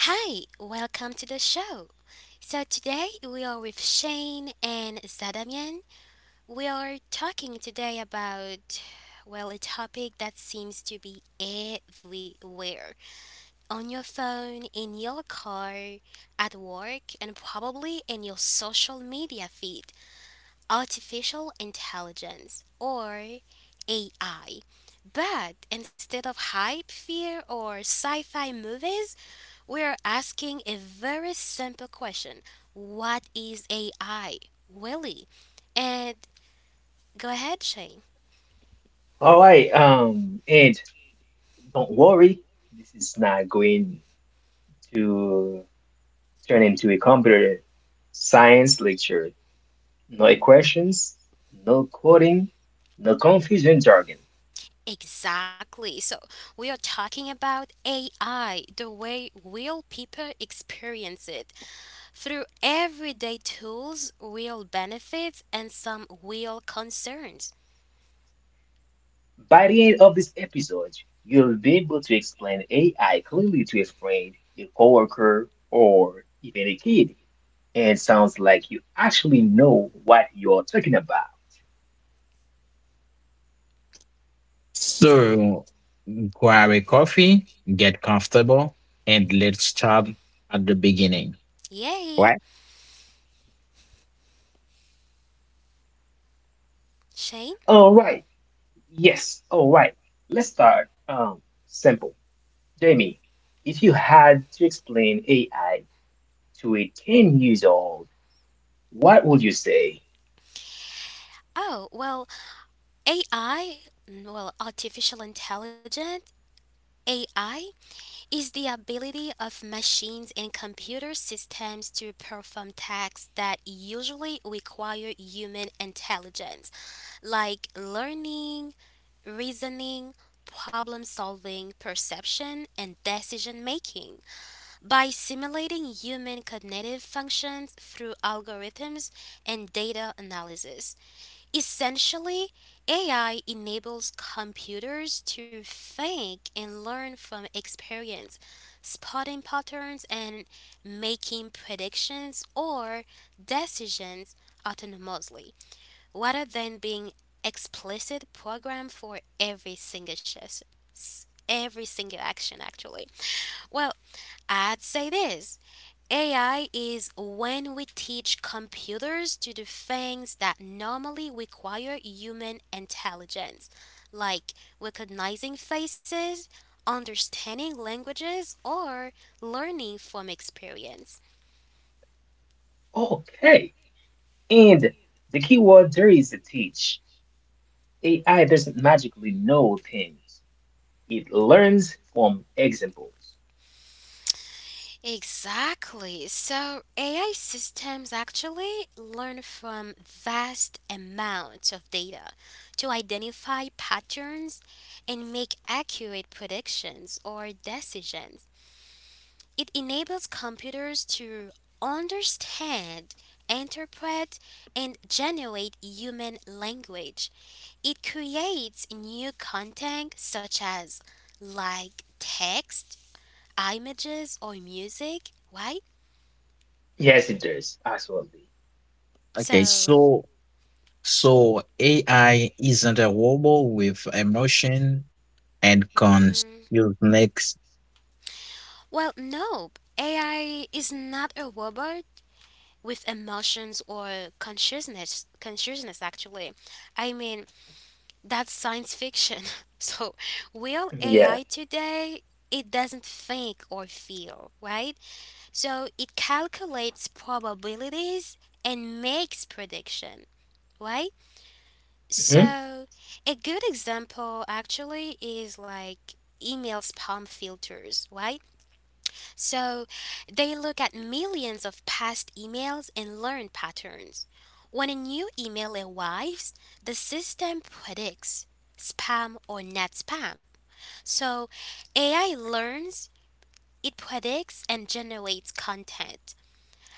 Hi, welcome to the show. So today we are with Shane and Zadamian. We are talking today about well a topic that seems to be everywhere. On your phone, in your car, at work, and probably in your social media feed. Artificial intelligence or AI. But instead of hype, fear, or sci fi movies, we are asking a very simple question. What is AI, Willie? And go ahead, Shane. All right, and don't worry, this is not going to turn into a computer science lecture. No equations, no coding, no confusing jargon. Exactly. So, we are talking about AI, the way real people experience it through everyday tools, real benefits, and some real concerns. By the end of this episode, you'll be able to explain AI clearly to a friend, a coworker, or even a kid, and it sounds like you actually know what you're talking about. So grab a coffee, get comfortable, and let's start at the beginning. Yay! Right? Shane? All right, yes, all right, let's start. Simple. Jamie, if you had to explain AI to a 10 years old, what would you say? Oh, well, AI, well, artificial intelligence, AI is the ability of machines and computer systems to perform tasks that usually require human intelligence, like learning, reasoning, problem solving, perception, and decision making. By simulating human cognitive functions through algorithms and data analysis, essentially, AI enables computers to think and learn from experience, spotting patterns and making predictions or decisions autonomously, rather than being explicit program for every single every single action actually. Well, I'd say this, AI is when we teach computers to do things that normally require human intelligence, like recognizing faces, understanding languages, or learning from experience. Okay. And the key word there is to teach. AI doesn't magically know things. It learns from examples. Exactly. So AI systems actually learn from vast amounts of data to identify patterns and make accurate predictions or decisions. It enables computers to understand, interpret, and generate human language. It creates new content such as like text, images, or music, right? Yes, it does. Absolutely. Okay, So, so so AI isn't a robot with emotion and consciousness. mhm. Well, no, AI is not a robot with emotions or consciousness. Consciousness, actually, I mean that's science fiction. So, real Yeah. AI today, it doesn't think or feel, right? So it calculates probabilities and makes prediction, right? Hmm. So, a good example actually is like email spam filters, right? So they look at millions of past emails and learn patterns. When a new email arrives, the system predicts spam or not spam. So AI learns, it predicts, and generates content.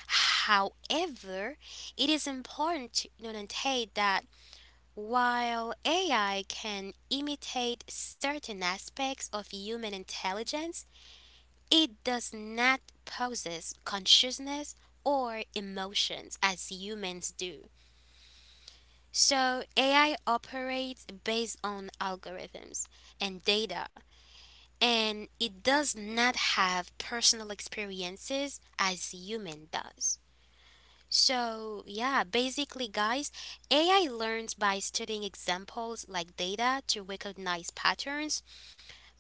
However, it is important to notate that while AI can imitate certain aspects of human intelligence, it does not possess consciousness or emotions as humans do. So AI operates based on algorithms and data, and it does not have personal experiences as human does. So, yeah, basically, guys, AI learns by studying examples like data to recognize patterns.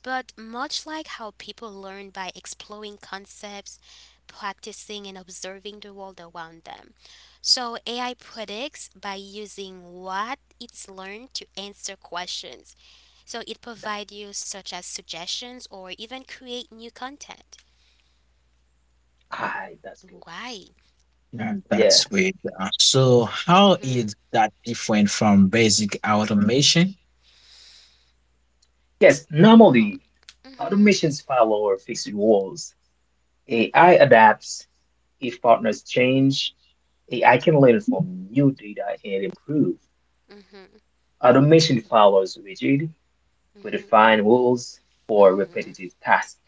But much like how people learn by exploring concepts, practicing, and observing the world around them. So AI predicts by using what it's learned to answer questions. So it That's provides good. you such as suggestions or even create new content. Ah, that's good. Why? Yeah, Yeah. that's great. So how Mm-hmm. is that different from basic automation? Yes, Wow. normally Mm-hmm. automations follow or fixed rules. AI adapts if partners change AI can learn from new data and improve. Mm-hmm. Automation follows rigid, predefined rules for Mm-hmm. repetitive tasks,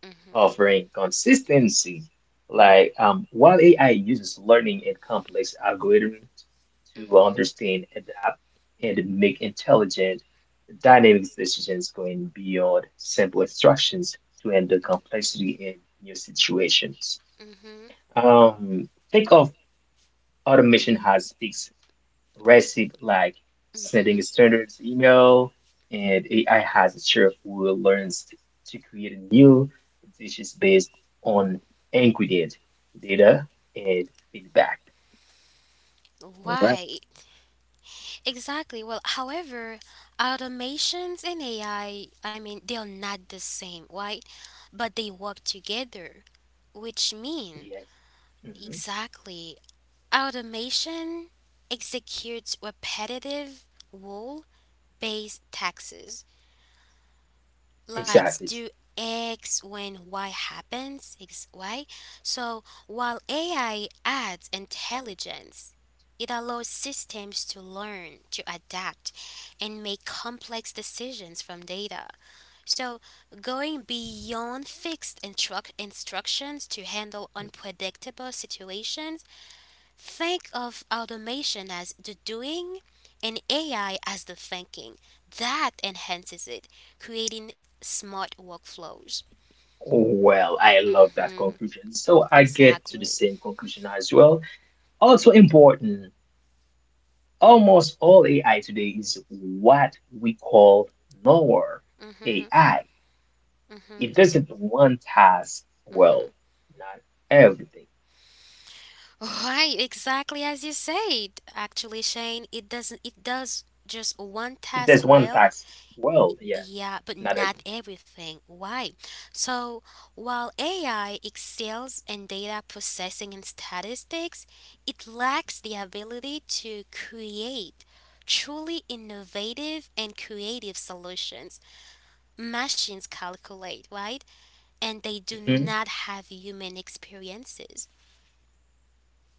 Mm-hmm. offering consistency. Like while AI uses learning and complex algorithms to Mm-hmm. understand, adapt, and make intelligent, dynamic decisions going beyond simple instructions to handle complexity in new situations. Mm-hmm. Think of automation has fixed recipe like sending Mm-hmm. standard email and AI has a chef who learns to create new dishes based on ingredient data and feedback. Well, Why? Exactly. Well, however, automations and AI, I mean, they're not the same, right? But they work together, which mean Yes. Hmm. exactly automation executes repetitive rule-based tasks like Exactly. do X when Y happens, why? So while AI adds intelligence, it allows systems to learn, to adapt, and make complex decisions from data. So going beyond fixed instructions to handle unpredictable situations. Think of automation as the doing and AI as the thinking. That enhances it, creating smart workflows. Well, I love that Mm-hmm. conclusion. So I get to the Exactly. same conclusion as well. Also important, almost all AI today is what we call nowhere Mm-hmm. AI. Mm-hmm. It doesn't one task Mm-hmm. well, not everything. Right, exactly as you said. Actually, Shane, it doesn't it does just one It task does one well. task well, yeah, Yeah, but not not everything. everything. Why? So, while AI excels in data processing and statistics, it lacks the ability to create truly innovative and creative solutions. Machines calculate, right? And they do Hmm. not have human experiences.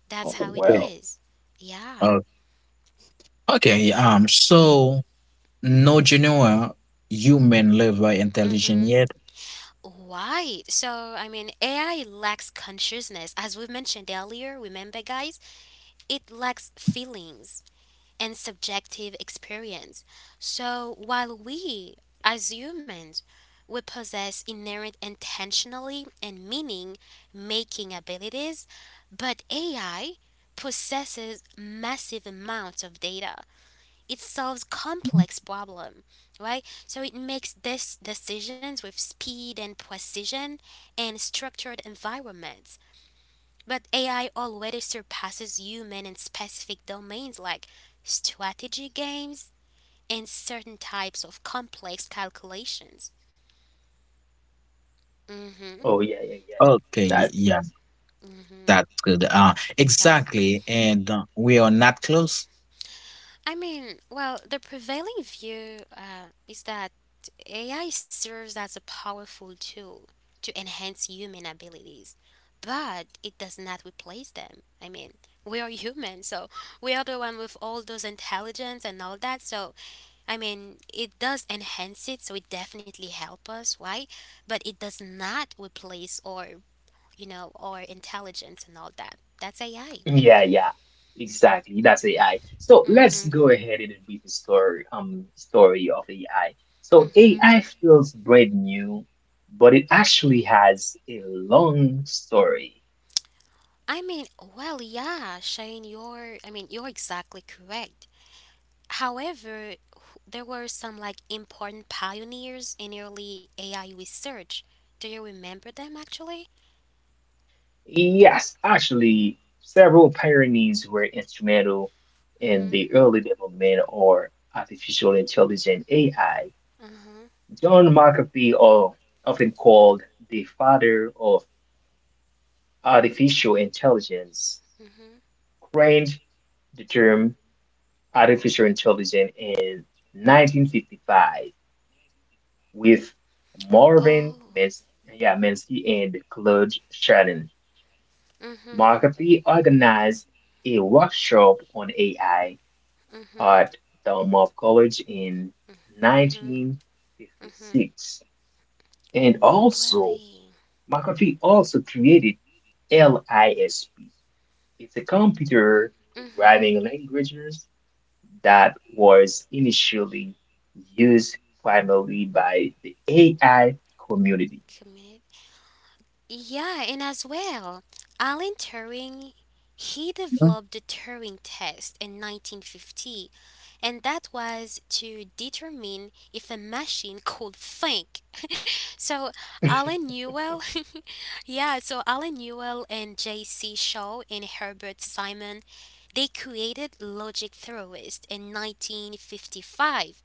That's Oh how it okay. well. is. Yeah. uh, okay. So no general human level Mm-hmm. intelligence yet. Right. So, I mean, AI lacks consciousness. As we mentioned earlier, remember, guys? It lacks feelings and subjective experience. So while we, as humans, we possess inherent intentionally and meaning making abilities, but AI possesses massive amounts of data. It solves complex problem, right? So it makes this decisions with speed and precision and structured environments. But AI already surpasses human in specific domains like strategy games and certain types of complex calculations. Mm-hmm. Oh yeah, yeah, yeah. Okay. Ex- That Yeah. that's That's mm, good. Exactly. Exactly. And we are not close. I mean, well, the prevailing view is that AI serves as a powerful tool to enhance human abilities, but it does not replace them. I mean, we are human, so we are the one with all those intelligence and all that. So I mean, it does enhance it, so it definitely help us, right? But it does not replace or or intelligence and all that. That's AI. yeah, yeah. Exactly. That's AI. So let's Mhm. go ahead and read the story of AI. So Mhm. AI feels brand new, but it actually has a long story. I mean, well, yeah, Shane, you're. I mean, you're exactly correct. However, there were some like important pioneers in early AI research. Do you remember them actually? Yes, actually, several pioneers were instrumental in Mhm. the early development of artificial intelligence AI. Mhm. John McAfee, or often called the father of artificial intelligence, Mhm. coined the term artificial intelligence in 1955 with Marvin Oh. Minsky and Claude Shannon. Mhm. McAfee organized a workshop on AI Mhm. at Dartmouth College in Mhm. Mhm. 1956. And also, Really? McAfee also created LISP. It's a computer Mm-hmm. programming language that was initially used primarily by the AI community. Community. Yeah, and as well, Alan Turing, he developed the Turing test in 1950, and that was to determine if a machine could think. So Alan Newell, yeah, so Alan Newell and J.C. Shaw and Herbert Simon, they created logic theorists in 1955,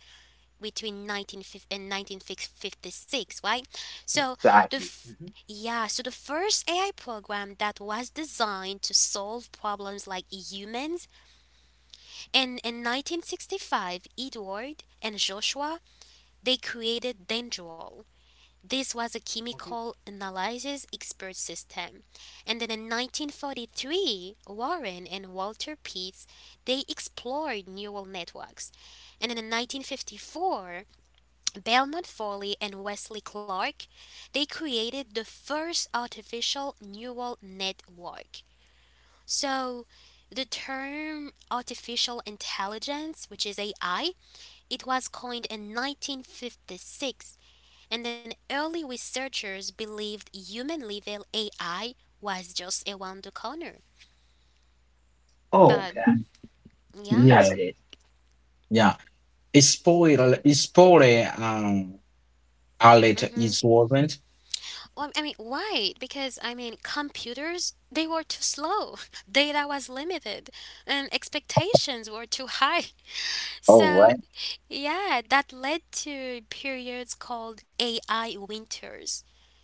between 1950 and 1956, right? So the Exactly. f- Hmm. yeah, so the first AI program that was designed to solve problems like humans, and in 1965, Edward and Joshua they created Dendrol. This was a Okay. chemical analysis expert system. And then in 1943, Warren and Walter Pitts they explored neural networks. And then in 1954, Belmont Foley and Wesley Clark, they created the first artificial neural network. So, the term artificial intelligence, which is AI, it was coined in 1956, and then early researchers believed human level AI was just around the corner. Oh But God, Mhm. yeah. Yeah, that's good. yeah. It's spoil, outlet Mhm. is relevant. Well, I mean, why? Because I mean, computers they were too slow, data was limited, and expectations were too high. All So right. yeah, that led to periods called AI winters.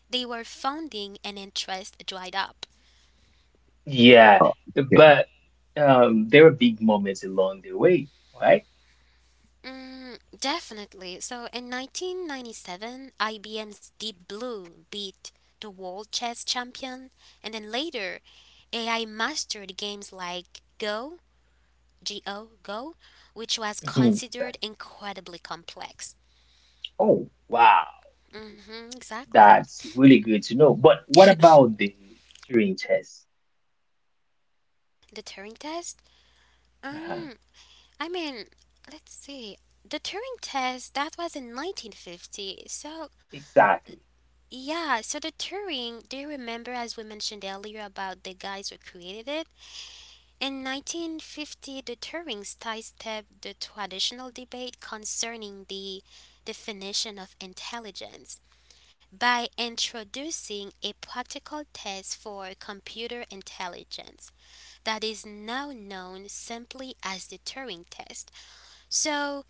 They were funding and interest dried up. Yeah, Oh, okay. but there were big moments along the way, right? Mm, definitely. So in 1997, IBM's Deep Blue beat the world chess champion, and then later, AI mastered games like Go, which was considered incredibly complex. Oh, wow. Exactly. That's really good to know. But what about the Turing test? The Turing test? Uh-huh. Um, I mean, let's see. The Turing test, that was in 1950. So, Exactly. yeah, so the Turing, do you remember as we mentioned earlier about the guys who created it? In 1950, the Turing sidestepped the traditional debate concerning the definition of intelligence by introducing a practical test for computer intelligence that is now known simply as the Turing test. So,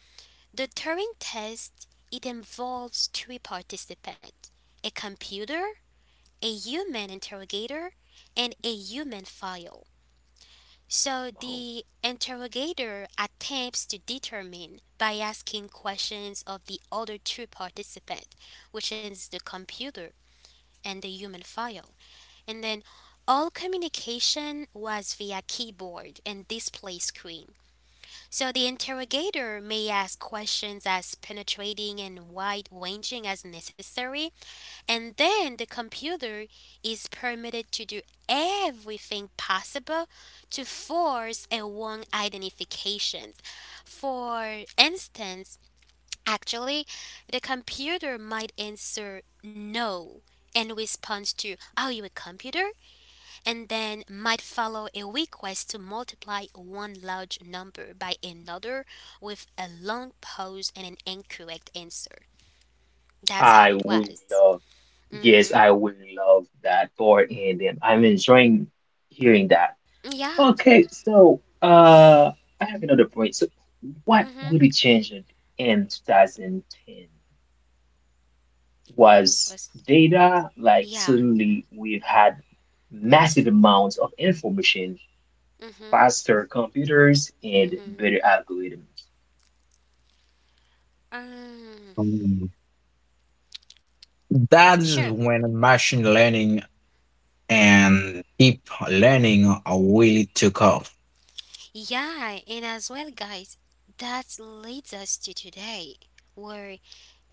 the Turing test it involves three participants: a computer, a human interrogator, and a human file. So Oh, the interrogator attempts to determine by asking questions of the other two participants, which is the computer and the human file. And then all communication was via keyboard and display screen. So the interrogator may ask questions as penetrating and wide ranging as necessary, and then the computer is permitted to do everything possible to force a wrong identification. For instance, actually, the computer might answer no and responds to, "Are you a computer?" and then might follow a request to multiply one large number by another with a long pause and an incorrect answer. That's how I it would was. love, Mm-hmm. yes, I would love that part, and I'm enjoying hearing that. Yeah. Okay, so I have another point. So, what Mm-hmm. really changed in 2010 Was was data. Like Yeah. suddenly, we've had massive amounts of information Mm-hmm. faster computers and Mm-hmm. better algorithms. Um, Mm. That sure. is when machine learning and deep learning are really took off. Yeah, and as well, guys, that leads us to today, where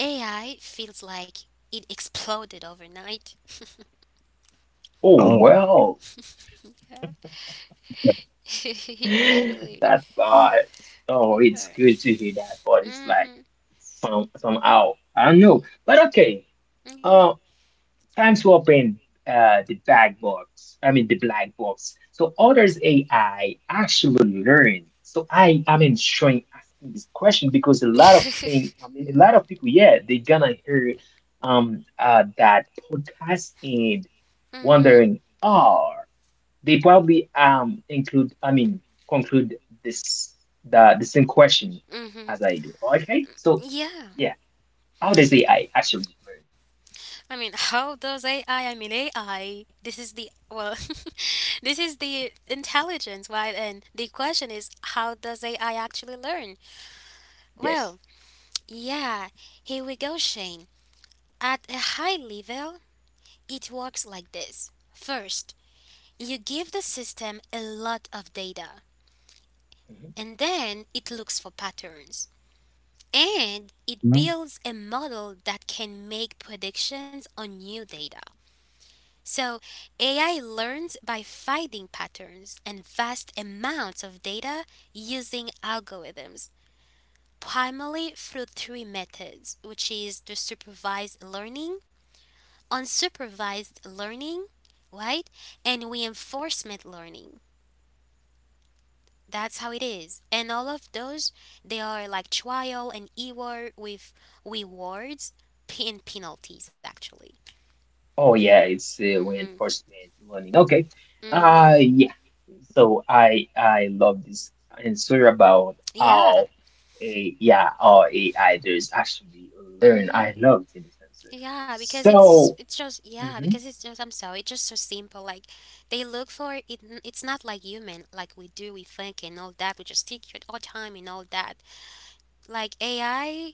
AI feels like it exploded overnight. Oh, Oh, well, Yeah. Exactly. that part. Oh, it's Yeah. good to hear that, but it's like Mm-hmm. somehow. I don't know. But okay. Yeah. Uh, Time to open the black box. I mean the black box. So others AI actually learn. So I am enjoying asking this question because a lot of things. I mean a lot of people, yeah, they are gonna hear that podcast and Mhm. wondering, or they probably conclude this the same question Mhm. as I do. Okay, so Yeah. yeah, how does AI actually learn? I mean, how does AI? I mean, AI. This is the well. This is the intelligence, right? And the question is, how does AI actually learn? Yes. Well, yeah. Here we go, Shane. At a high level, it works like this. First, you give the system a lot of data, Mhm. and then it looks for patterns. And it mm, builds a model that can make predictions on new data. So, AI learns by finding patterns and vast amounts of data using algorithms, primarily through 3 methods, which is the supervised learning, unsupervised learning, right? And reinforcement learning. That's how it is. And all of those, they are like trial and error with rewards and penalties, actually. Oh yeah, it's Mm hmm. reinforcement learning. Okay. Mm hmm. Yeah. So I love this answer about Yeah. how a yeah how AI does actually learn. I Mm-hmm. love this answer. Yeah, because it's So it's just yeah, mhm, because it's just I'm sorry, it's just so simple. Like they look for it. It's not like human, like we do, we think and all that. We just take it all time and all that. Like AI,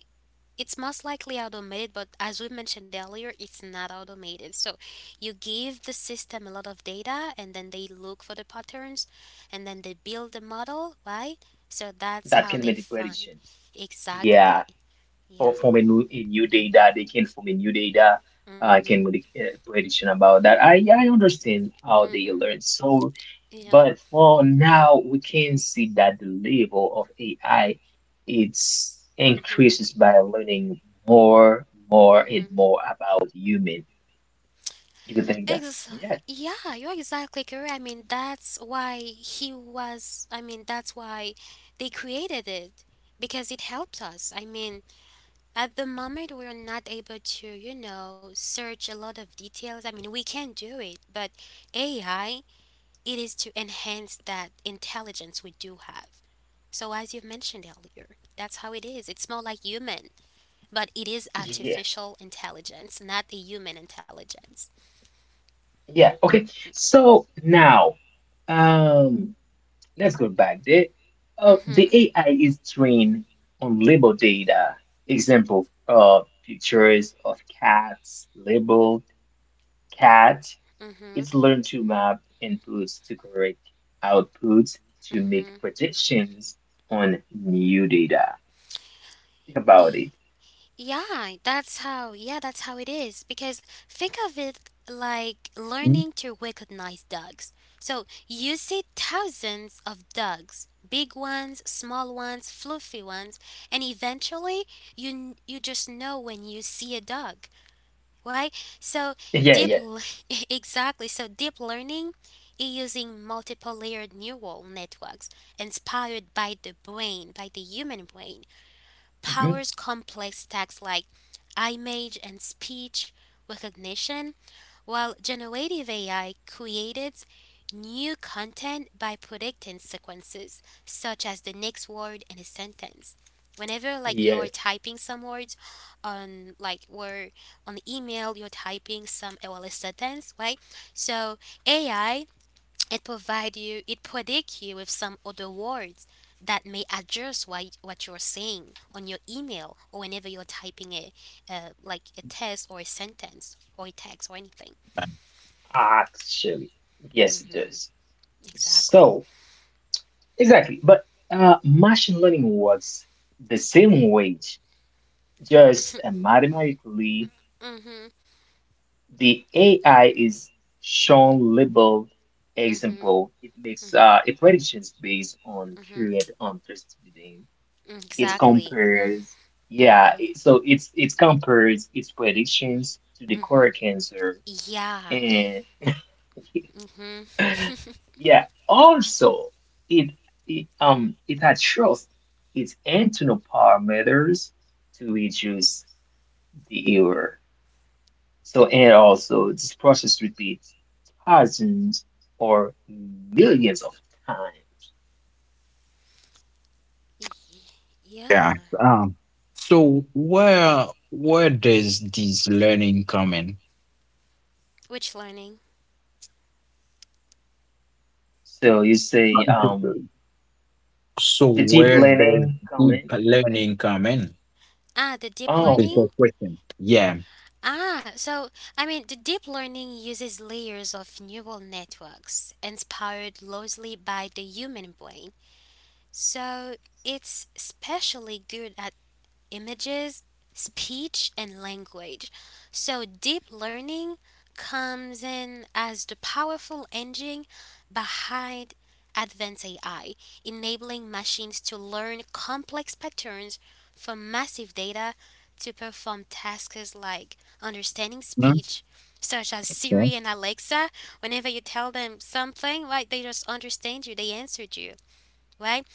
it's most likely automated, but as we mentioned earlier, it's not automated. So you give the system a lot of data, and then they look for the patterns, and then they build the model, right? So that's that how can they make the find. predictions. Yeah. Exactly. For Yeah. forming a new data. They can form a new data. I Mhm. can make a prediction about that. I understand how they Mhm. learn. So, Yeah. but for now, we can see that the level of AI it's Mm-hmm. increases by learning more and Mm-hmm. more about human. You can think that? Ex- Yeah, yeah, you're exactly correct. I mean, that's why he was, I mean, that's why they created it because it helps us. I mean, at the moment, we're not able to, search a lot of details. I mean, we can do it, but AI, it is to enhance that intelligence we do have. So, as you've mentioned earlier, that's how it is. It's more like human, but it is yeah, artificial intelligence, not a human intelligence. yeah. Okay. So now, um. Let's go back there. Mm-hmm. The AI is trained on label data. Example, pictures of cats, labeled cat. Mm-hmm. It's learned to map inputs to correct outputs to make Mhm. predictions on new data. Think about E- it. Yeah, that's how. Yeah, that's how it is. Because think of it like mm. learning to recognize dogs. So you see thousands of dogs, big ones, small ones, fluffy ones, and eventually you just know when you see a dog, right? So Yeah, deep, yeah. l- exactly. So deep learning is using multiple layered neural networks inspired by the human brain. Hmm. Powers complex tasks like image and speech recognition, while generative AI created new content by predicting sequences, such as the next word in a sentence. Whenever like you're Yes, typing some words on like or on the email you're typing some well a sentence, right? So AI, it predict you with some other words that may adjust what you're saying on your email or whenever you're typing like a text or a sentence or a text or anything. actually. Yes, it Mm-hmm, does. exactly. So, exactly. But machine learning works the same way. Just mathematically, Mm-hmm, the AI is shown labeled mm-hmm, example. It makes mm-hmm, a predictions based on current mm-hmm, understanding. It exactly. compares, yeah, Mm-hmm, it compares its predictions to the mm-hmm. correct answer. Yeah. And Mm-hmm. yeah, also it, it adjusts its internal parameters to reduce the error. So, and also, this process repeats thousands or millions of times. yeah. Yeah. um, So where does this learning come in? Which learning? So you say, So the deep where does learning comment. deep learning come in? Ah, the deep Oh, This is okay. the learning? question. Yeah. Ah, so the deep learning uses layers of neural networks inspired largely by the human brain. So it's especially good at images, speech, and language. So, deep learning comes in as the powerful engine behind advanced AI, enabling machines to learn complex patterns from massive data to perform tasks like understanding Mhm. speech, such as Yeah. Siri and Alexa. Whenever you tell them something, right, they just understand you, they answered you, right?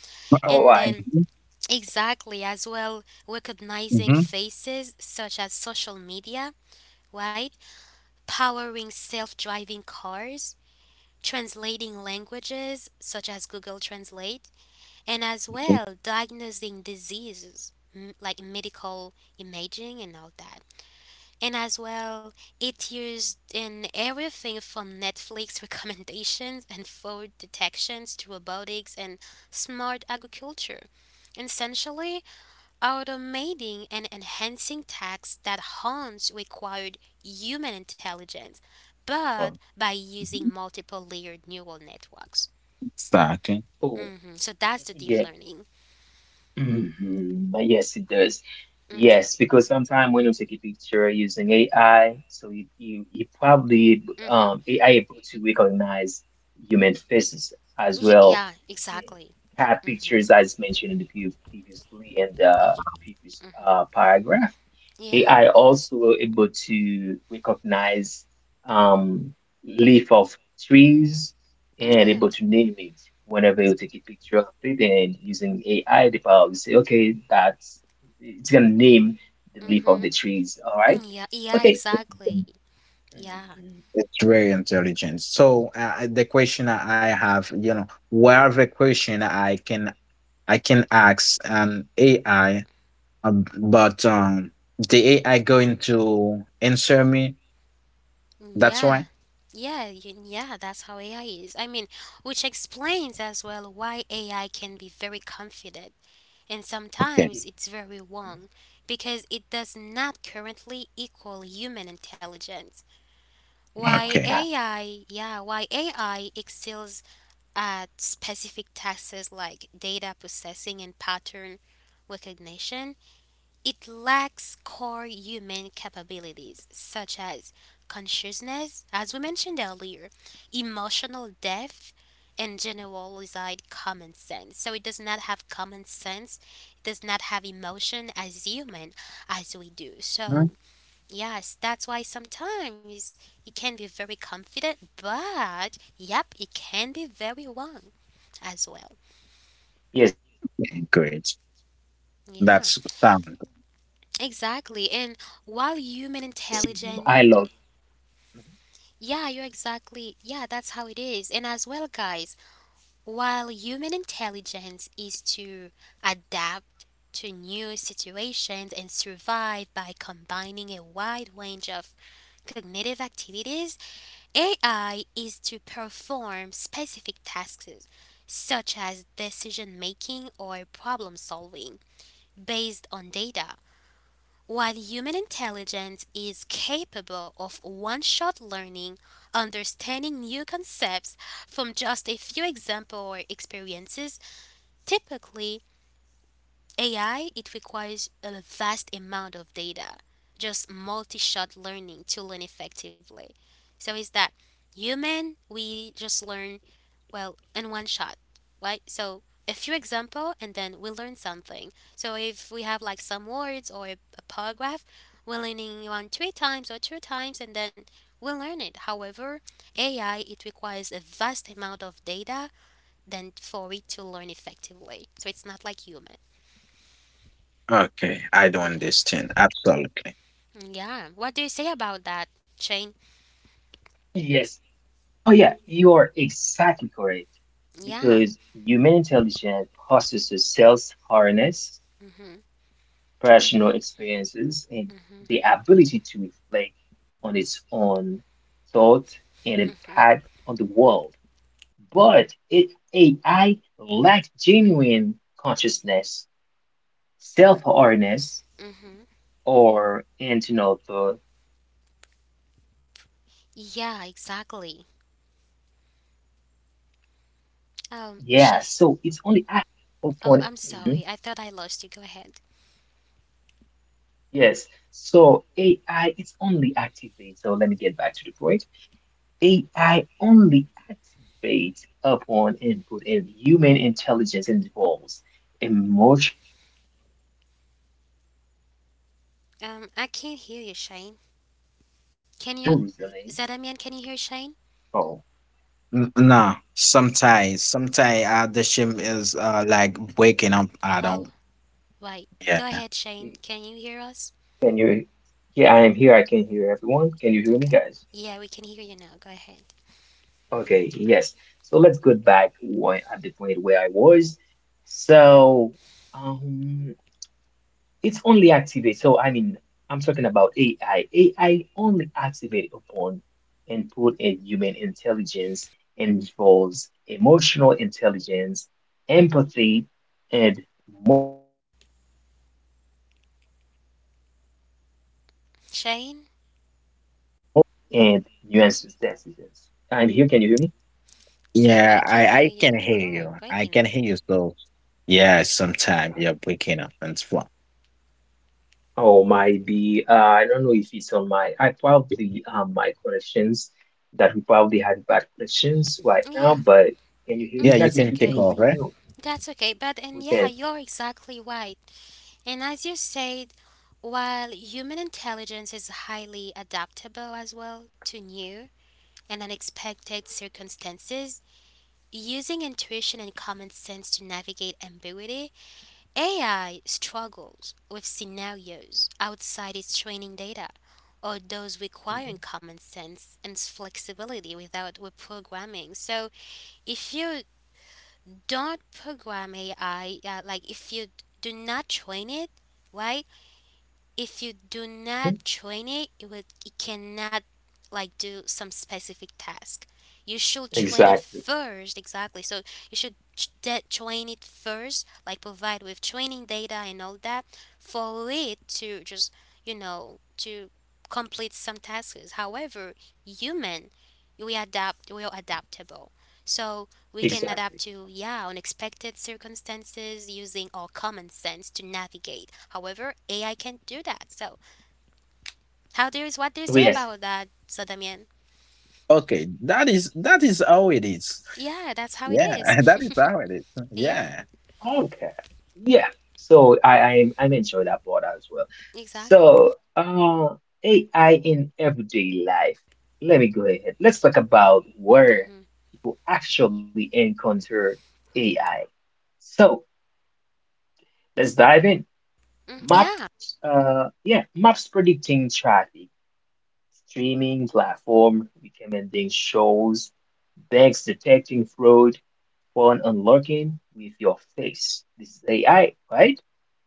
All And right. then Mhm. exactly, as well, recognizing Mhm. faces such as social media, right? Powering self driving cars, translating languages such as Google Translate, and as well diagnosing diseases like medical imaging and all that. And as well, it used in everything from Netflix recommendations and fraud detections to robotics and smart agriculture. Essentially, automating and enhancing tasks that once required human intelligence, Oh, but by using multiple layered neural networks. exactly. Cool. Hmm, so that's the deep Yeah. learning. Mhm. But yes, it does. Mm-hmm. Yeah. Yes, because sometimes when you take a picture using AI, so you probably Mm-hmm. AI able to recognize human faces as well. Yeah, Mm. exactly. Cat pictures as mentioned in the previously in the Y- previous paragraph. Yeah. AI also able to recognize um, leaf of trees Mm, and yeah. able to name it whenever you It- take a picture of it and using AI, the power probably say, okay, that's it's gonna name the leaf of Mm-hmm. the trees. All right. Mm, yeah. Yeah. Okay. Exactly. Yeah. Mhm. It's very intelligent. So the question I have, you know, where the question I can ask an AI, but the AI going to answer me. Mm, That's yeah. why. Yeah, that's how AI is. I mean, which explains as well why AI can be very confident and Okay. sometimes It- it's very wrong because it does not currently equal human intelligence. mhm. All Okay. right. Why AI excels at specific tasks like data processing and pattern recognition, it lacks core human capabilities such as consciousness, as we mentioned earlier, emotional depth, and generalized common sense. So it does not have common sense, it does not have emotion as human as we do. So, yes, that's why sometimes it can be very confident, but yep, it can be very wrong as well. Yes, Okay. Great. understandable. So at this Yeah, That's point, sound. I exactly. And love while human mhm, intelligence Yeah, you're exactly. Yeah, that's how it is. And as well, guys, while human intelligence is to adapt to new situations and survive by combining a wide range of cognitive activities, AI is to perform specific tasks such as decision making or problem solving based on data. While human intelligence is capable of one shot learning, understanding new concepts from just a few examples or experiences, typically AI, it requires a vast amount of data, just multi shot learning to learn effectively. So is that human, we just learn well in one shot, right? So a few example, and then we learn something. So if we have like some words or a paragraph, we're learning one three times or two times, and then we learn it. However, AI, it requires a vast amount of data than for it to learn effectively. So it's not like human. Okay, I don't Yeah, understandable. understand. Absolutely. yeah, what do you say Yes. about that, Shane? Oh yeah, you are exactly correct because Yeah. human intelligence possesses self-awareness, mm-hmm personal experiences, and the mm-hmm ability to reflect on its own thought and mm-hmm. impact on the world. But it AI lacks genuine consciousness, self-awareness, Mm-hmm. or internal thought process. Yeah, It's only exactly. activate, yeah, so it's only activates Shay. upon. Oh, Mhm. I'm sorry. I thought I lost you. Go ahead. Yes. So AI is only activate. So let me get back to the point. AI only activates upon input, and human intelligence involves emotional intelligence, empathy, and I moral can't hear you, reasoning. Shane. Can you, Oh, Zadamian? Can you hear Shane? No, sometimes, the shame is like waking up. I Oh, don't. right. Go Yeah, ahead, Shane. Can you hear us? can you? Yeah, I am here. I can hear everyone. Can you hear me, Okay. guys? Yeah, we can hear you now. Go ahead, Okay. Yes. So let's go back where, at the point where I was. So. um. it's only activate. So I mean, I'm talking about AI. AI only activate upon input and human intelligence involves emotional intelligence, empathy, and moral reasoning, crucial for social interactions and Shane. nuanced decisions. I'm here. Can you hear me? Yep, yeah. I can I hear I you. can hear You're you. I breaking can up. hear you. So yeah, sometimes you're waking up and flat. Oh, might be. I don't know if it's on my. I probably my connections that we probably had bad connections right now. Yeah, But can you hear me, Yeah, guys? you that's If you can okay. take can hear me, over. That's okay. But we and yeah, can. you're exactly right. And as you said, while human intelligence is highly adaptable as well to new and unexpected circumstances, using intuition and common sense to navigate ambiguity, AI struggles with scenarios outside its training data or those Mhm, requiring common sense and flexibility without reprogramming. So, if you don't program AI, like if you do not train it, right? If you do mhm. not train it, it will it cannot like do some specific task. You should train it Exactly. first, exactly. So you should train it first, like provide with training data and all that, for it to just you know to complete some tasks. However, human, we are adaptable. So we can adapt Exactly. to, yeah, unexpected circumstances using our common sense to navigate. However, AI can't do that. So, what do you say Yes. about that, Sadamian? Okay, that is how it is. Yeah, that's how it Yeah, is. that is how it is. yeah, Yeah. Okay. Yeah. So I'm enjoying that part as well. exactly. So AI in everyday life. Let me go ahead. Let's talk about where Mm-hmm. people actually encounter AI. So let's dive in. Mm, yeah, Maps, yeah, maps predicting traffic, streaming platform recommending shows, banks detecting fraud, phone unlocking with your face. This is AI, right?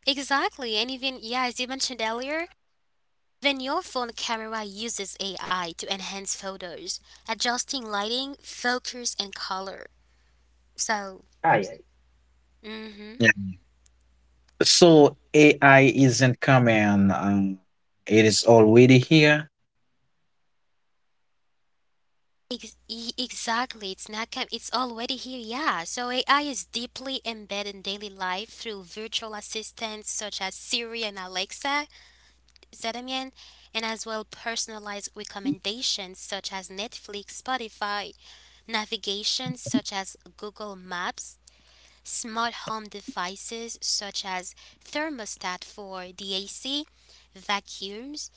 exactly. And even, yeah, as you mentioned earlier, even your phone camera uses AI to enhance photos, adjusting lighting, focus, and color. So, AI. mm. Yeah. So AI isn't coming. It is already here. Exactly, it's not com- it's already here. Yeah, so AI is deeply embedded in daily life through virtual assistants such as Siri and Alexa, Zedamian, and as well personalized recommendations such as Netflix, Spotify, navigation such as Google Maps, smart home devices such as thermostat for the AC, vacuums,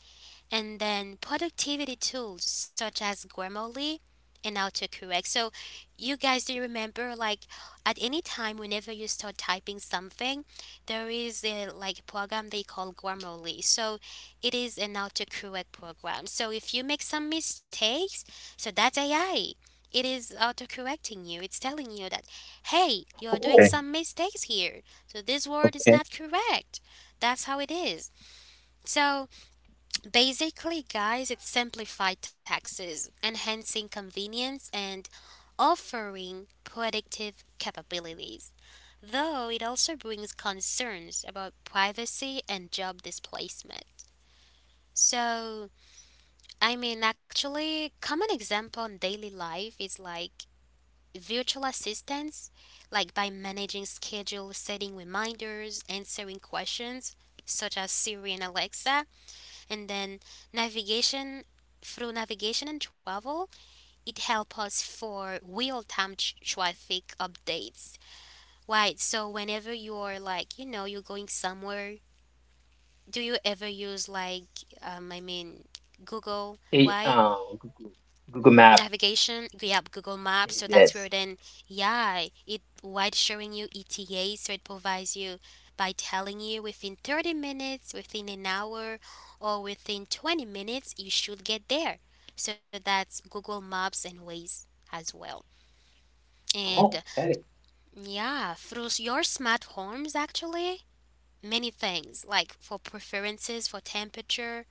and then productivity tools such as Grammarly and autocorrect. So, you guys, do you remember like at any time whenever you start typing something, there is a like program they call Grammarly. So, it is an autocorrect program. So, if you make some mistakes, so that's AI. It is Oh, autocorrecting you. It's telling you that, hey, you're doing Okay. some mistakes here. So this word is Okay. not correct. That's how it is. So basically, guys, it simplified taxes, enhancing convenience and offering predictive capabilities. Though it also brings concerns about privacy and job displacement. So, common example in daily life is like virtual assistants, like by managing schedule, setting reminders, answering questions such as Siri and Alexa, and then navigation navigation and travel. It helps us for real-time traffic updates, right? So whenever you're like you know you're going somewhere, do you ever use like um, i mean Google? AI, Why Google, Google Map. Navigation, yep, Google Maps. So that's where Yes. then, yeah, it wide showing you ETA. So it provides you by telling you within 30 minutes, within an hour, or within 20 minutes you should get there. So that's Google Maps and Ways as well. And Okay. yeah, through your smartphones actually many things like for preferences for temperature,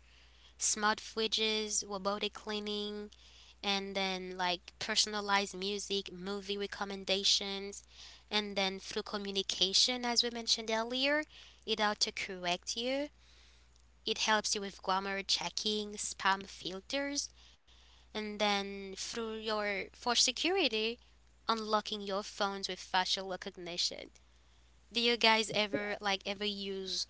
smart fridges, robotic cleaning, and then like personalized music, movie recommendations, and then through communication, as we mentioned earlier, it auto corrects you. It helps you with grammar checking, spam filters, and then through your for security, unlocking your phones with facial recognition. Do you guys ever like ever use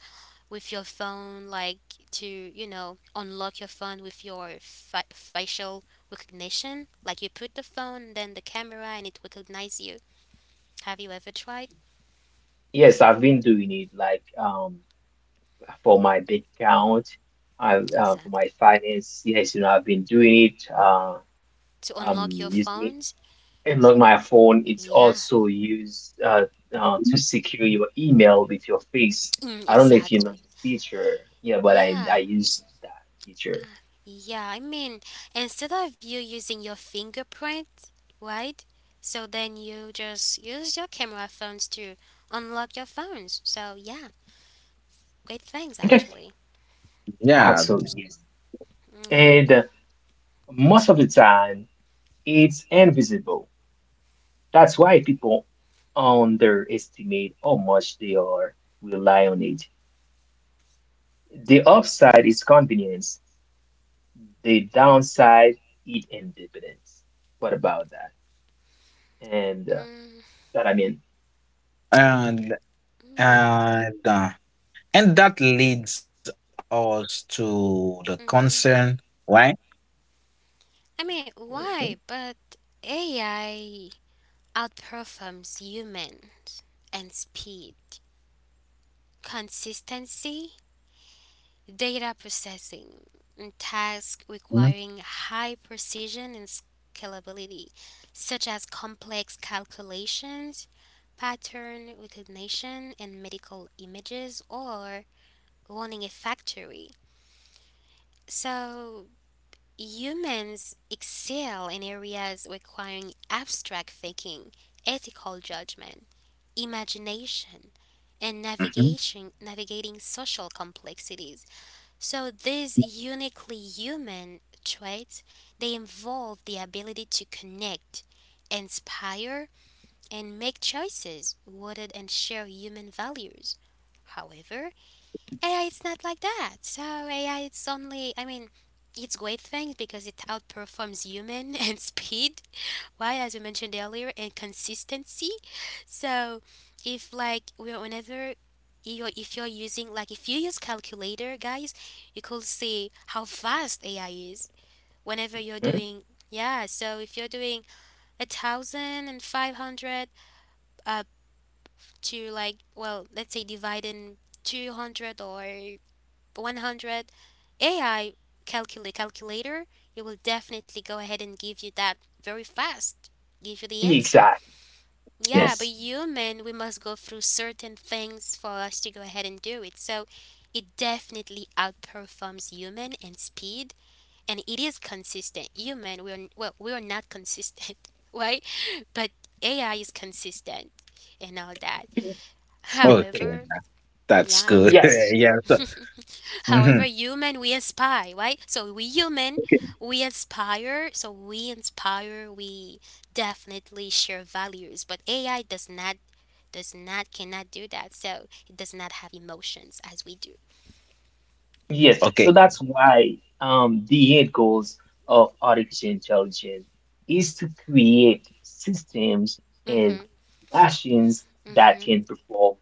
with your phone, like to, you know, unlock your phone with your facial recognition. Like you put the phone, then the camera, and it recognize you. Have you ever tried? Yes, I've been doing it like for my bank account, I for my Exactly. finance. Yes, you know, I've been doing it. To unlock your Using phones? Unlock my phone. It's Yeah, also used to Mhm. secure your email with your face. I don't know if you know exactly. this feature. Yeah, but I Yeah. use that feature. Ah, yeah, I mean, instead of you using your fingerprint, right? So then you just use your camera phones to unlock your phones. So yeah, great things Okay. actually. I Yeah, also use, Mm, it. yeah. And most of the time it's invisible. That's why people underestimate how much they are rely on it. The upside is convenience. The downside is independence. What about that? And Mm. that I mean. and I mean, and and that leads us to the concern, mhm. right? I mean, why? Mhm. But AI outperforms humans and speed, consistency, data processing, and tasks requiring high precision and scalability, such as complex calculations, pattern recognition, and medical images, or running a factory. So, humans excel in areas requiring abstract thinking, ethical judgment, imagination, and Mm-hmm. Navigating social complexities. So these uniquely human traits, they involve the ability to connect, inspire, and make choices rooted in shared human values. However, AI it's not like that. So AI, it's only I mean it's great thing because it outperforms human and speed. Why as we mentioned earlier and consistency. So if like we're whenever you're if you're using like if you use calculator guys, you could see how fast AI is whenever you're doing, yeah, so if you're doing 1,500 up to like, well, let's say dividing 200 or 100, AI calculator, it will definitely go ahead and give you that very fast, give you the answer. Exactly. Yeah, but Yes. human, we must go through certain things for us to go ahead and do it. So it definitely outperforms human in speed, and it is consistent. Human, we're, well, we're not consistent, right? But AI is consistent and all that. Okay, However, that's yeah. good. Yes. yeah. So, However, mhm. human we aspire, right? So we human, we inspire. So we inspire. We definitely share values, but AI does not, cannot do that. So it does not have emotions as we do. Yes. So Okay. that's why the end goals of artificial intelligence is to create systems and Mhm. machines that Mhm. can perform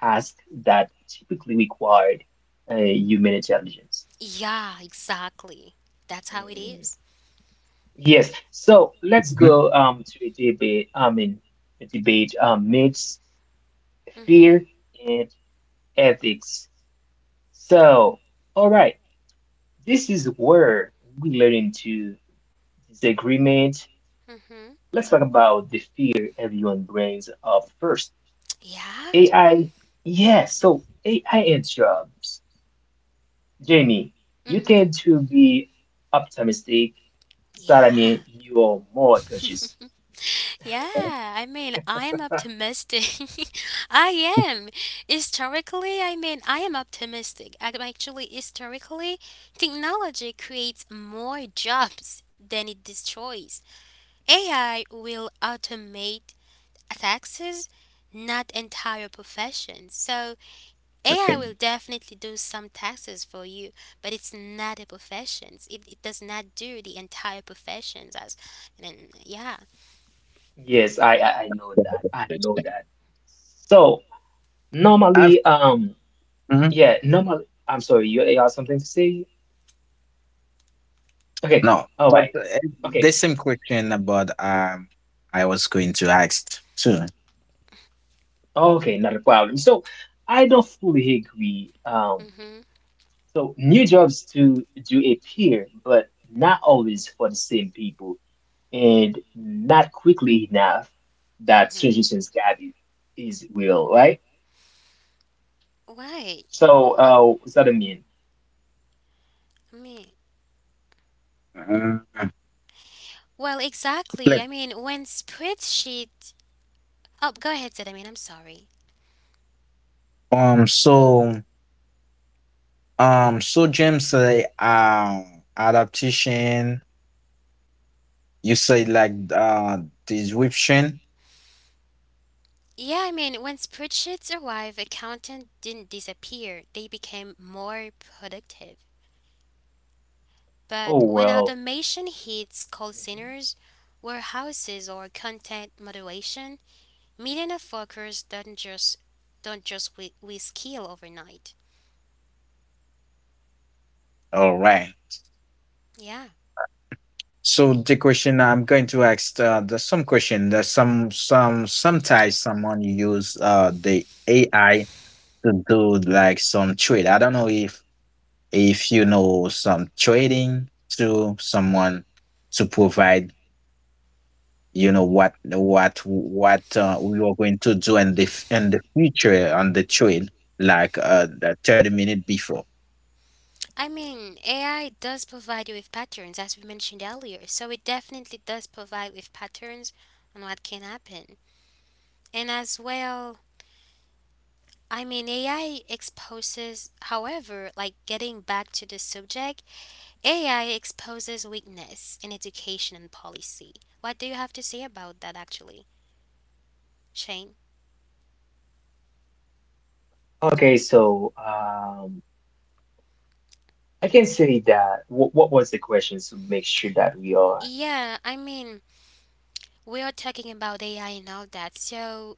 tasks that typically required human intelligence. Yeah, exactly. That's how it Mhm. is. Yes. So let's Mhm. go to a debate. I mean, a debate myths, Mhm. fear, and ethics. So, all right. This is where we learn into disagreement. Mhm. Let's talk about the fear everyone brings up first. Yeah. AI, yeah, so AI and jobs. Jamie, you Mhm. tend to be optimistic. Yeah. Salami, you're more cautious. Yeah, I mean, I am optimistic. I am. I am optimistic. Historically, technology creates more jobs than it destroys. AI will automate taxes, not entire professions. So, AI Okay. will definitely do some taxes for you, but it's not a profession. It does not do the entire professions as, and yeah. Yes, I know Yeah, that. I I know understand. that. So I've normally, um, mhm. yeah, normally, I'm sorry, you have something to say? Okay, No, all but right. uh, Okay. the same question about I was going to ask too. Okay, not a problem. So I don't fully agree. Um, Mm-hmm. so new jobs to do appear, but not always for the same people, and not quickly enough that Mm-hmm. suggestions gap is real, right? Why? So what's that mean? I mean, Mm, well, exactly. let- I mean, when spreadsheet. Oh, go ahead, said I mean, I'm sorry. So. So James, adaptation. You say like description. Yeah, I mean, when spreadsheets arrived, accountants didn't disappear, they became more productive. Oh But when well. automation hits call Mhm. centers, warehouses, or content moderation, millions of workers don't just with skill overnight. All right. Yeah. So the question I'm going to ask the some question that sometimes someone use the AI to do like some trade. I don't know if you know some trading to someone to provide you know what we are going to do in the in the future on the trade like the 30 minute before. I mean, AI does provide you with patterns, as we mentioned earlier. So it definitely does provide with patterns on what can happen. And as well, I mean, AI exposes, however, like getting back to the subject, AI exposes weakness in education and policy. What do you have to say about that, actually, Shane? Okay, so I can say that. What was the question to make sure that we are? Yeah, I mean, we are talking about AI and all that. So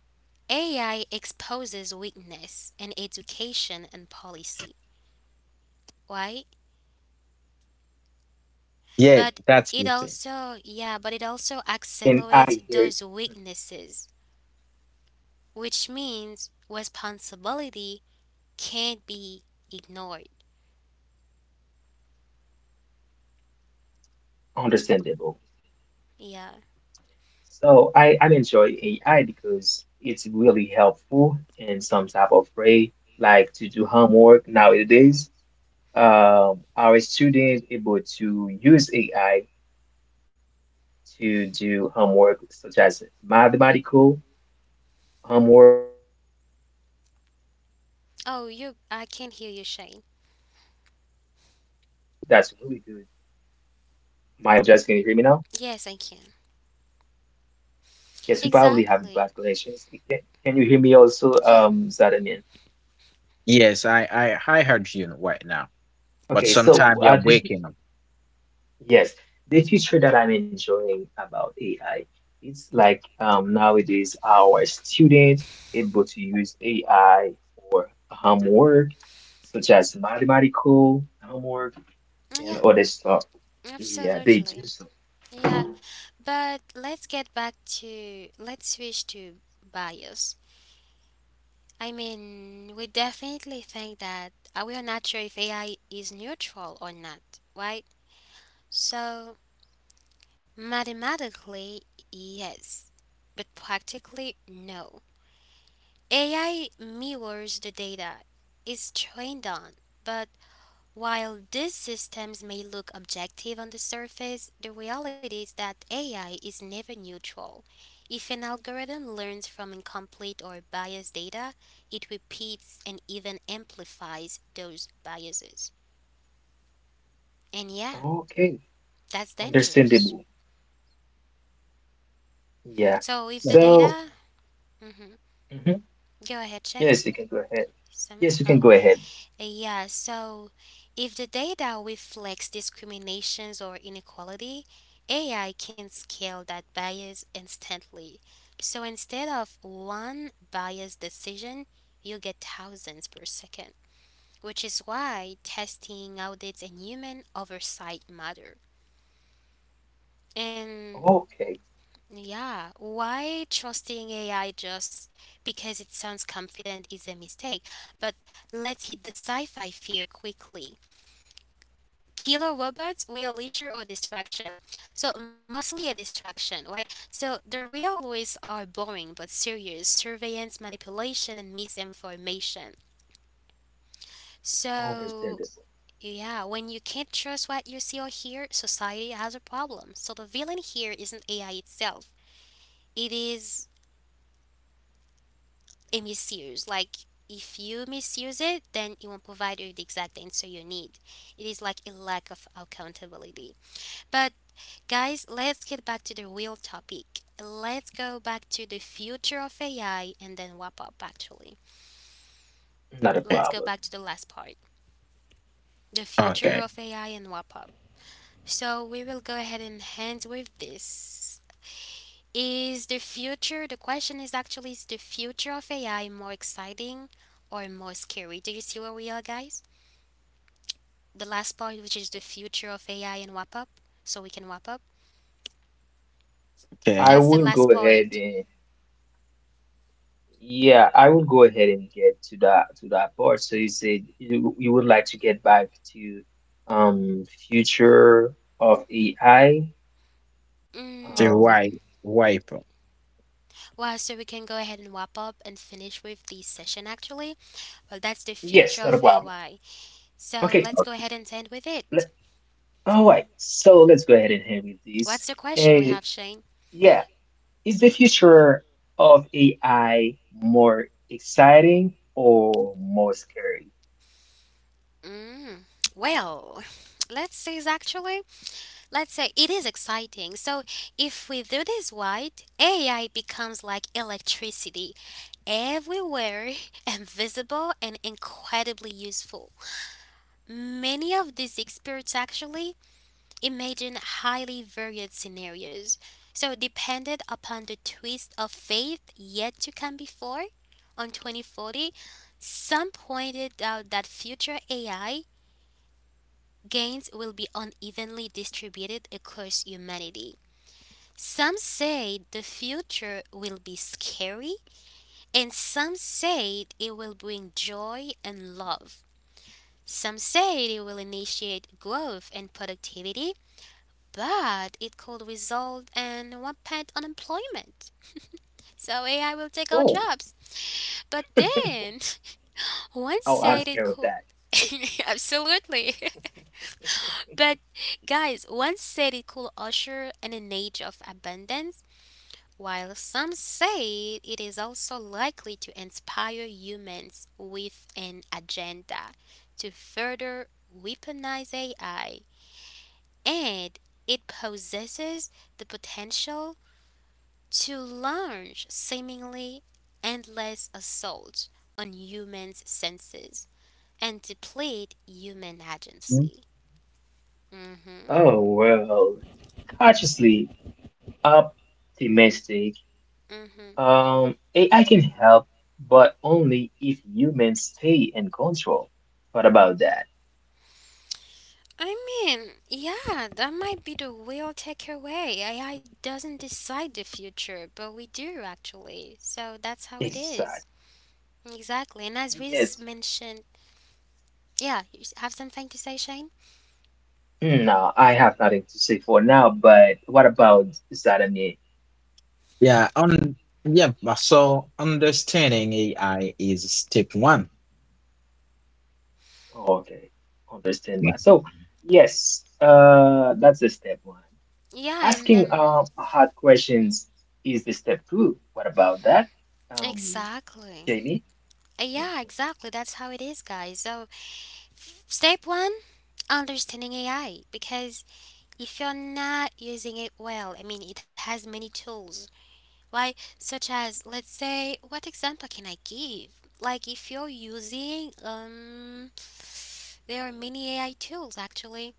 AI exposes weakness in education and policy. Why? Yes, Yeah, I But can. that's it the I thing. hear. also, Mhm. yeah, but it also accelerates those weaknesses, which means Okay, responsibility can't be ignored. understandable. Yeah. So I enjoy AI because it's really helpful in some type of way, like to do homework nowadays. Our students able to use AI to do homework such as mathematical homework, Grammarly, as you mentioned Oh, previously. you, I can't That's hear is you, that's Shane. really good. My apologies, can you hear me now? Yes, I can. Yes, we probably have bad Exactly. connections. Can you hear me also, Yeah. Zadamin? Yes, I heard you right now, but Okay, so sometime you're did breaking up. yes, the feature that I'm enjoying about AI is like nowadays our student able to use AI for homework, such as mathematical homework and Yeah, other stuff. Yeah, they do absolutely. so. Yeah. But let's switch to bias. I mean, we definitely think that we are not sure if AI is neutral or not, right? So, mathematically, yes, but practically, no. AI mirrors the data it's trained on, but while these systems may look objective on the surface, the reality is that AI is never neutral. If an algorithm learns from incomplete or biased data, it repeats and even amplifies those biases. And yeah, Okay, that's dangerous. understandable. Yeah. So if the So, data. Mhm. mhm, Go ahead, Shane. yes, you can go ahead. Some, Yes, you can oh, go ahead. Yeah. So, if the data reflects discriminations or inequality, AI can scale that bias instantly. So, instead of one biased decision, you get thousands per second, which is why testing, audits, and human oversight matter. And Okay, yeah, why trusting AI just because it sounds confident is a mistake. But let's hit the sci fi fear quickly. Killer robots, real issue or distraction? So mostly a distraction, right? So the real ways are boring but serious: surveillance, manipulation, and misinformation. So understandable. yeah, when you can't trust what you see or hear, society has a problem. So the villain here isn't AI itself, it is a misuse. Like if you misuse it, then it won't provide you the exact answer you need. It is like a lack of accountability. But guys, let's get back to the real topic. Let's go back to the future of AI and then wrap up, actually. Not a Okay, Let's go problem. back to the last part, the Okay, okay, future of AI and wrap up. So, we will go ahead and end with this. Is the future, the question is actually, is the future of AI more exciting or more scary? Do you see where we are, guys? The last part, which is the future of AI and wrap up, so we can wrap up. I okay. That's the will last go ahead part. Yeah, I will go ahead and get to that part. So you said you would like to get back to future of AI. Mm, The Um right mm. wipe. Wow, so we can go ahead and wrap up and finish with this session actually. Well, that's the future yes, not a of problem. AI. So Okay. let's go ahead and end with it. Let, all right. So let's go ahead and head with What's this. the question we Uh, have, Shane? yeah, is the future of AI more exciting or more scary? Mm, well, let's say is actually, let's say it is exciting. So if we do this right, AI becomes like electricity, everywhere, invisible, and incredibly useful. Many of these experts actually imagine highly varied scenarios. So, depended upon the twist of faith yet to come before, on 2040, some pointed out that future AI gains will be unevenly distributed across humanity. Some say the future will be scary, and some say it will bring joy and love. Some say it will initiate growth and productivity, but it could result in rampant unemployment. So AI will take our Oh, jobs. But then, one oh, I'm said it scared of could. that. Absolutely. But guys, one said it could usher in an age of abundance, while some say it is also likely to inspire humans with an agenda to further weaponize AI. And it possesses the potential to launch seemingly endless assaults on humans' senses and deplete human Hmm? agency. Mm-hmm. Oh well, cautiously optimistic. Mm-hmm. AI can help, but only if humans stay in control. What about that? I mean, yeah, that might be the real takeaway. AI doesn't decide the future, but we do actually. So that's how it Exactly. is. Exactly. And as we Yes. mentioned, yeah, you have something to say, Shane? No, I have nothing to say for now, but what about Zadamier? Yeah, on yeah. but So understanding AI is step one. Okay, understand that. So, yes, that's the step one. Yeah, and Asking then hard questions is the step two. What about that? Um, exactly. Jamie? Yeah, exactly. That's how it is, guys. So step one, understanding AI, because if you're not using it well, I mean, it has many tools, right? Such as, let's say, what example can I give? Like, if you're using, there are many AI tools actually.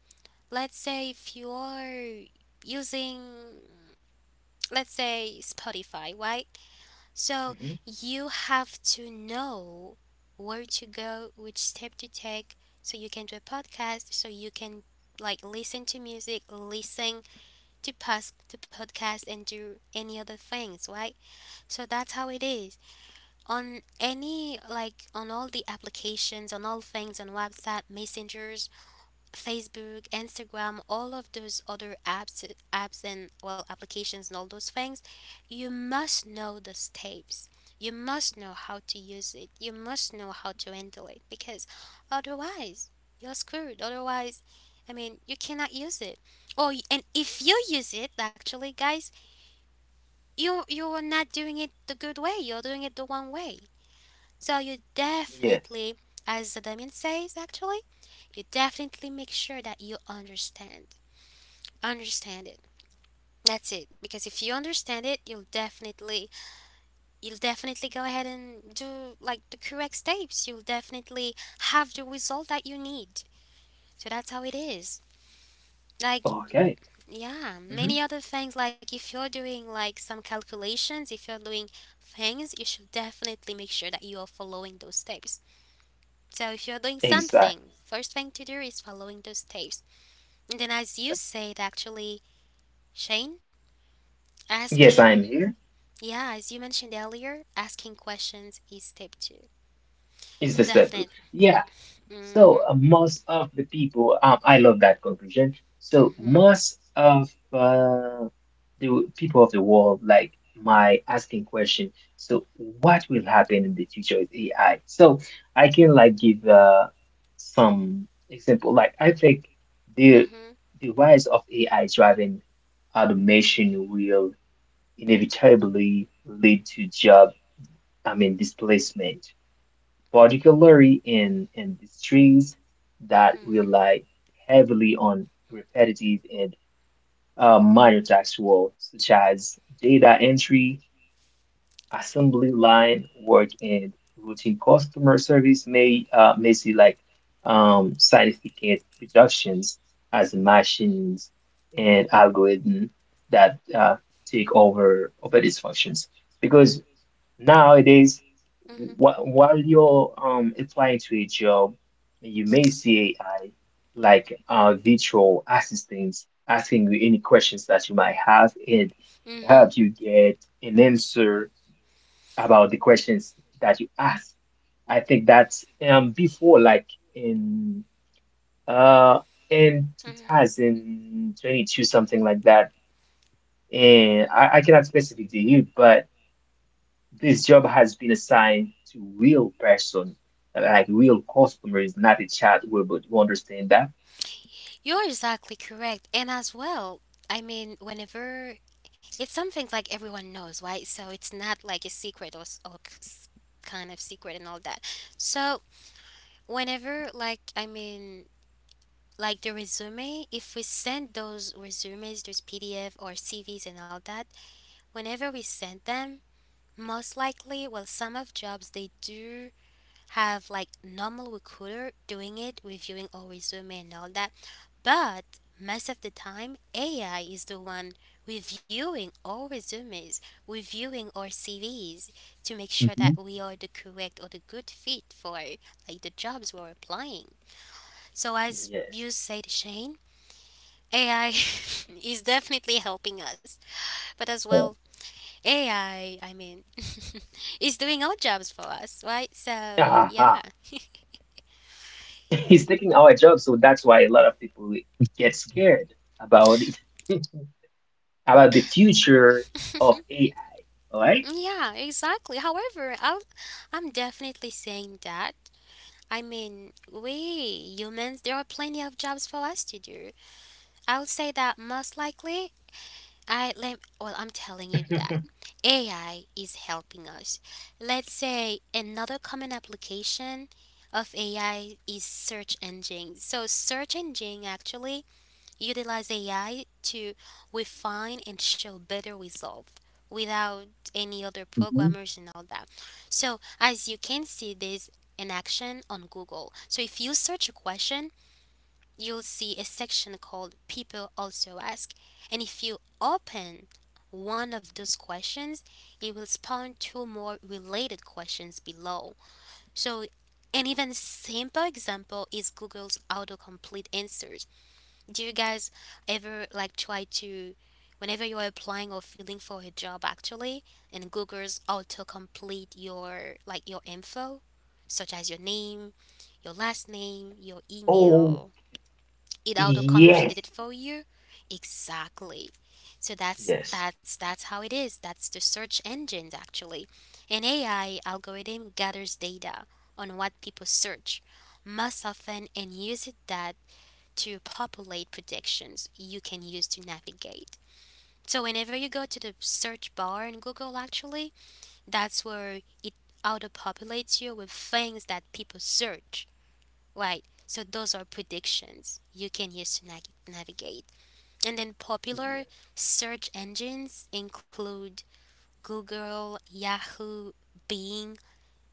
Let's say if you're using, let's say, Spotify, right? So Hmm. you have to know where to go, which step to take, so you can do a podcast, so you can like listen to music, listen to past the podcast and do any other things, right? So that's how it is. On any like on all the applications, on all things on WhatsApp, messengers, Facebook, Instagram, all of those other apps, apps and well applications and all those things, you must know the steps. You must know how to use it. You must know how to handle it because otherwise you're screwed. Otherwise, I mean, you cannot use it. Oh, and if you use it, actually, guys, you are not doing it the good way. You're doing it the wrong way. So you Yes. definitely, as Damien says, actually, you definitely make sure that you understand it. That's it. Because if you understand it, you'll definitely go ahead and do like the correct steps. You'll definitely have the result that you need. So that's how it is. Like, Okay. yeah, Hmm. many other things. Like if you're doing like some calculations, if you're doing things, you should definitely make sure that you are following those steps. So if you're doing something, Exactly. first thing to do is following those steps. And then as you said actually, Shane, Yes, asking I'm here. yeah, as you mentioned earlier, asking questions is step two. Is the settle. Definitely. Yeah. So Mhm. Most of the people, I love that conclusion. So Mhm. most of the people of the world like my asking question. So what will happen in the future with AI? So I can like give some example. Like I think the Mhm. the rise of AI driving automation will inevitably lead to job, I mean, displacement particularly in industries that Mhm. rely heavily on repetitive and minor task roles, such as data entry, assembly line work, and routine customer service may see like significant reductions as machines and algorithms that take over these functions because nowadays, Mhm. wh while you're applying to a job, you may see AI like virtual assistants asking you any questions that you might have and Mhm. help you get an answer about the questions that you ask. I think that's before, like in uh, in Mhm. 2022, something like that. And I cannot specifically you, but. This job has been assigned to real person, like real customers, not a chat robot. You understand that? You're exactly correct. And as well, I mean, whenever it's something like everyone knows, right? So it's not like a secret or, kind of secret and all that. So whenever, like, I mean, like the resume, if we send those resumes, those pdf or cvs and all that, whenever we send them, most likely, well, some of jobs they do have like normal recruiter doing it, reviewing our resume and all that, but most of the time AI is the one reviewing our resumes, reviewing our cvs, to make sure that Mhm. we are the correct or the good fit for like the jobs we're applying. So as Yes. you said, Shane, AI is definitely helping us, but as well, Yeah. AI, I mean, is doing our jobs for us, right? So, Uh-huh. yeah. He's taking our job, so that's why a lot of people get scared about it, about the future of AI. All right? Yeah, exactly. However, I'm definitely saying that. I mean, we humans, there are plenty of jobs for us to do. I'll say that most likely I let well, I'm telling you that AI is helping us. Let's say another common application of AI is search engines. So search engine actually utilize AI to refine and show better results without any other Mhm, programmers and all that. So as you can see, there's an action on Google. So if you search a question, you'll see a section called People Also Ask. And if you open one of those questions, it will spawn two more related questions below. So, an even simple example is Google's autocomplete answers. Do you guys ever like try to, whenever you're applying or filling for a job actually, and Google's autocomplete your like your info, such as your name, your last name, your Oh, email, it auto yes. completed it for you. Exactly. So that's Yes. that's that's how it is. That's the search engines actually. An AI algorithm gathers data on what people search most often and uses that to populate predictions you can use to navigate. So whenever you go to the search bar in Google actually, that's where it auto populates you with things that people search, right? So those are predictions you can use to navigate. And then popular Yes. search engines include Google, Yahoo, Bing,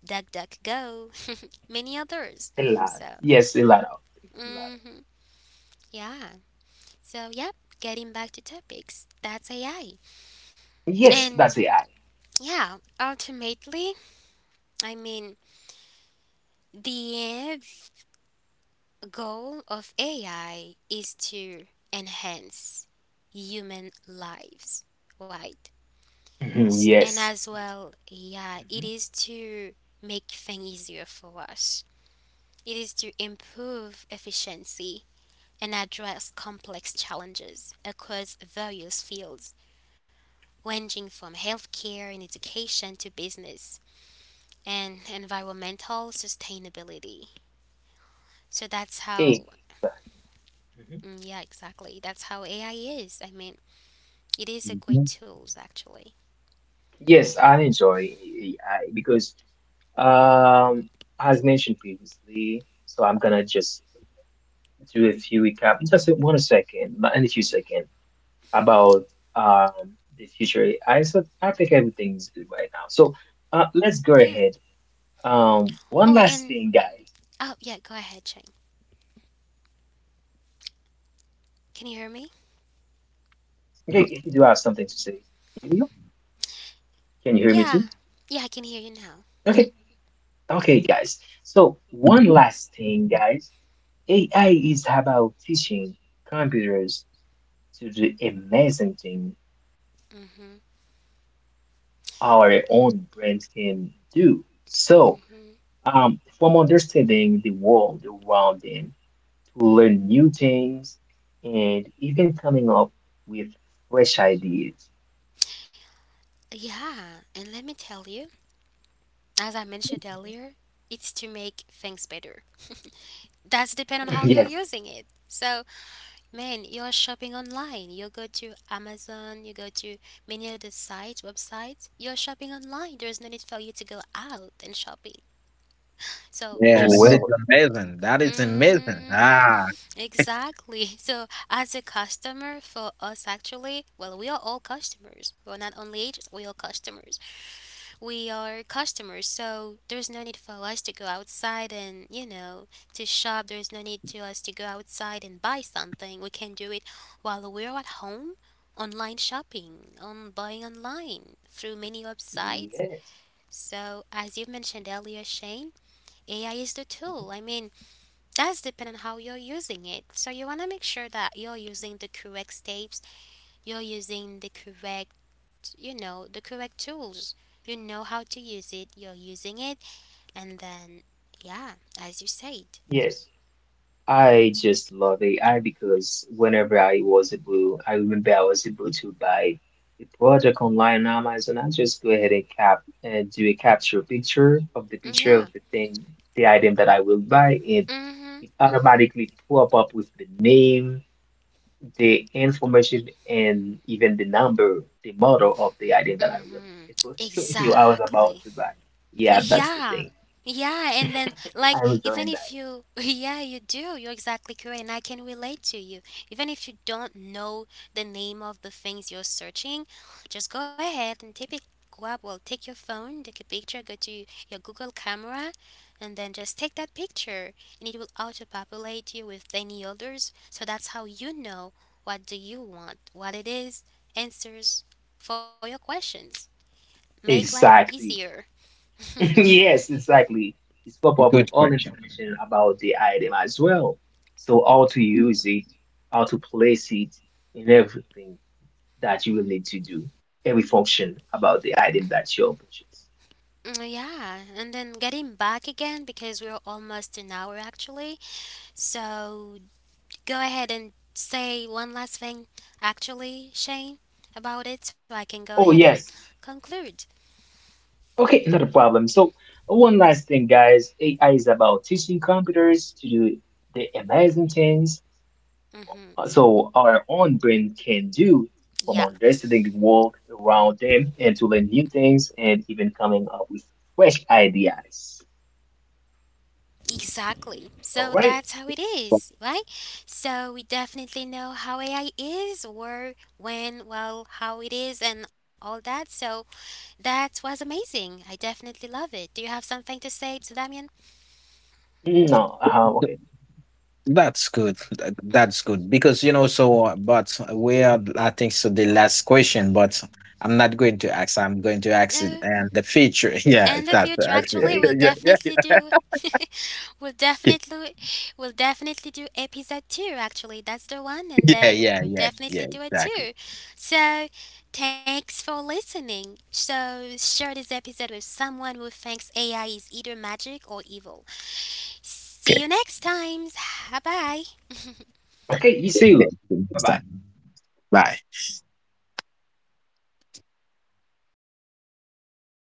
DuckDuckGo, many others. A lot. So, Yes, a lot of. A lot hmm, yeah. So, yep, getting back to topics, that's AI. of. Yes, And that's AI. yeah, ultimately, I mean, the end goal of AI is to enhance human lives, right? Mhm. And Yes. as well, yeah, it Mhm. is to make things easier for us. It is to improve efficiency and address complex challenges across various fields, ranging from healthcare and education to business and environmental sustainability. So that's A. how, mm, yeah, exactly. That's how AI is. I mean, it is a great mhm. tool, actually. Yes, I enjoy AI because, um, as mentioned previously, so I'm gonna just do a few recap, just in 1 second, not in a few Hmm. seconds, about the future AI. So I think everything is good right now. So let's go Yeah. ahead. One Oh, last and, thing, guys. oh, yeah, Hmm. go ahead, Chang. Okay, if you do Can have you hear something me? to say, yes, I can definitely hear you. Can you hear me too? Yeah, yeah, I can hear you now. Okay, okay, guys. So one last thing, guys. AI is about teaching computers to do amazing things Mhm, our own brains can do. So, mhm. From understanding the world around them to learn new things and even coming up with fresh ideas. Yeah, and let me tell you, as I mentioned earlier, it's to make things better. That's depend on how you're Yes. using it. So, man, you're shopping online. You go to Amazon. You go to many other sites, websites. You're shopping online. There's no need for you to go out and shopping. So we Yeah, that just is Well, amazing. That is amazing. hmm Ah, Exactly. So, as a customer, for us actually, well, we are all customers. We're not only agents, we are customers. We are customers, so there's no need for us to go outside and, you know, to shop. There's no need to us to go outside and buy something. We can do it while we're at home, online shopping, on buying online through many websites. yes. So, as you mentioned earlier, Shane, AI is the Mhm. tool. I mean, that's depending on how you're using it. So you want to make sure that you're using the correct steps, you're using the correct, you know, the correct tools. You know how to use it, you're using it, and then, yeah, as you said. Yes. I just love AI because whenever I was able, I remember I was able to buy a product online on Amazon. I just go ahead and cap and do a capture picture Yeah. of the thing, the item that I will buy, and Mm hmm. it automatically pop up with the name, the information, and even the number, the model of the item Mm that I will hmm. supposed to you I was Exactly. about to buy. Yeah, that's the Yeah. thing. Yeah, and then like I was even doing that. if you yeah, you do. You're exactly correct and I can relate to you. Even if you don't know the name of the things you're searching, just go ahead and take it go up, well, take your phone, take a picture, go to your Google camera and then just take that picture and it will auto-populate you with any others. So that's how you know what do you want, what it is, answers for your questions. Make life Exactly. easier. Yes, exactly. It's pop up with good all question. information about the item as well. So how to use it, how to place it, and everything that you will need to do. Every function about the item that you're purchasing. Mm, yeah, and then getting back again because we're almost an hour actually. So go ahead and say one last thing, actually, Shane, about it so I can go ahead Oh and yes. conclude. Okay, not a problem. So one last thing, guys. AI is about teaching computers to do the amazing things Mm-hmm. so our own brain can do from Yeah, understanding the world around them and to learn new things and even coming up with fresh ideas. exactly. All So right. that's how it is, right? So we definitely know how AI is, where, when, well, how it is, and all that. So that was amazing. I definitely love it. Do you have something to say to Damien? No. Okay. That's good. That's good because you know. So, but we are. I think so. The last question, but I'm not going to ask. I'm going to ask it and the feature. Yeah, In if the that's future actually. actually Okay. we'll definitely do we'll definitely we'll definitely do episode 2 actually. That's the one, and then we'll definitely yeah. do it Exactly. too. So thanks for listening. So share this episode with someone who thinks AI is either magic or evil. See you Okay. next time. Bye bye. Okay. You see you. Okay. Bye Next bye. time. Bye.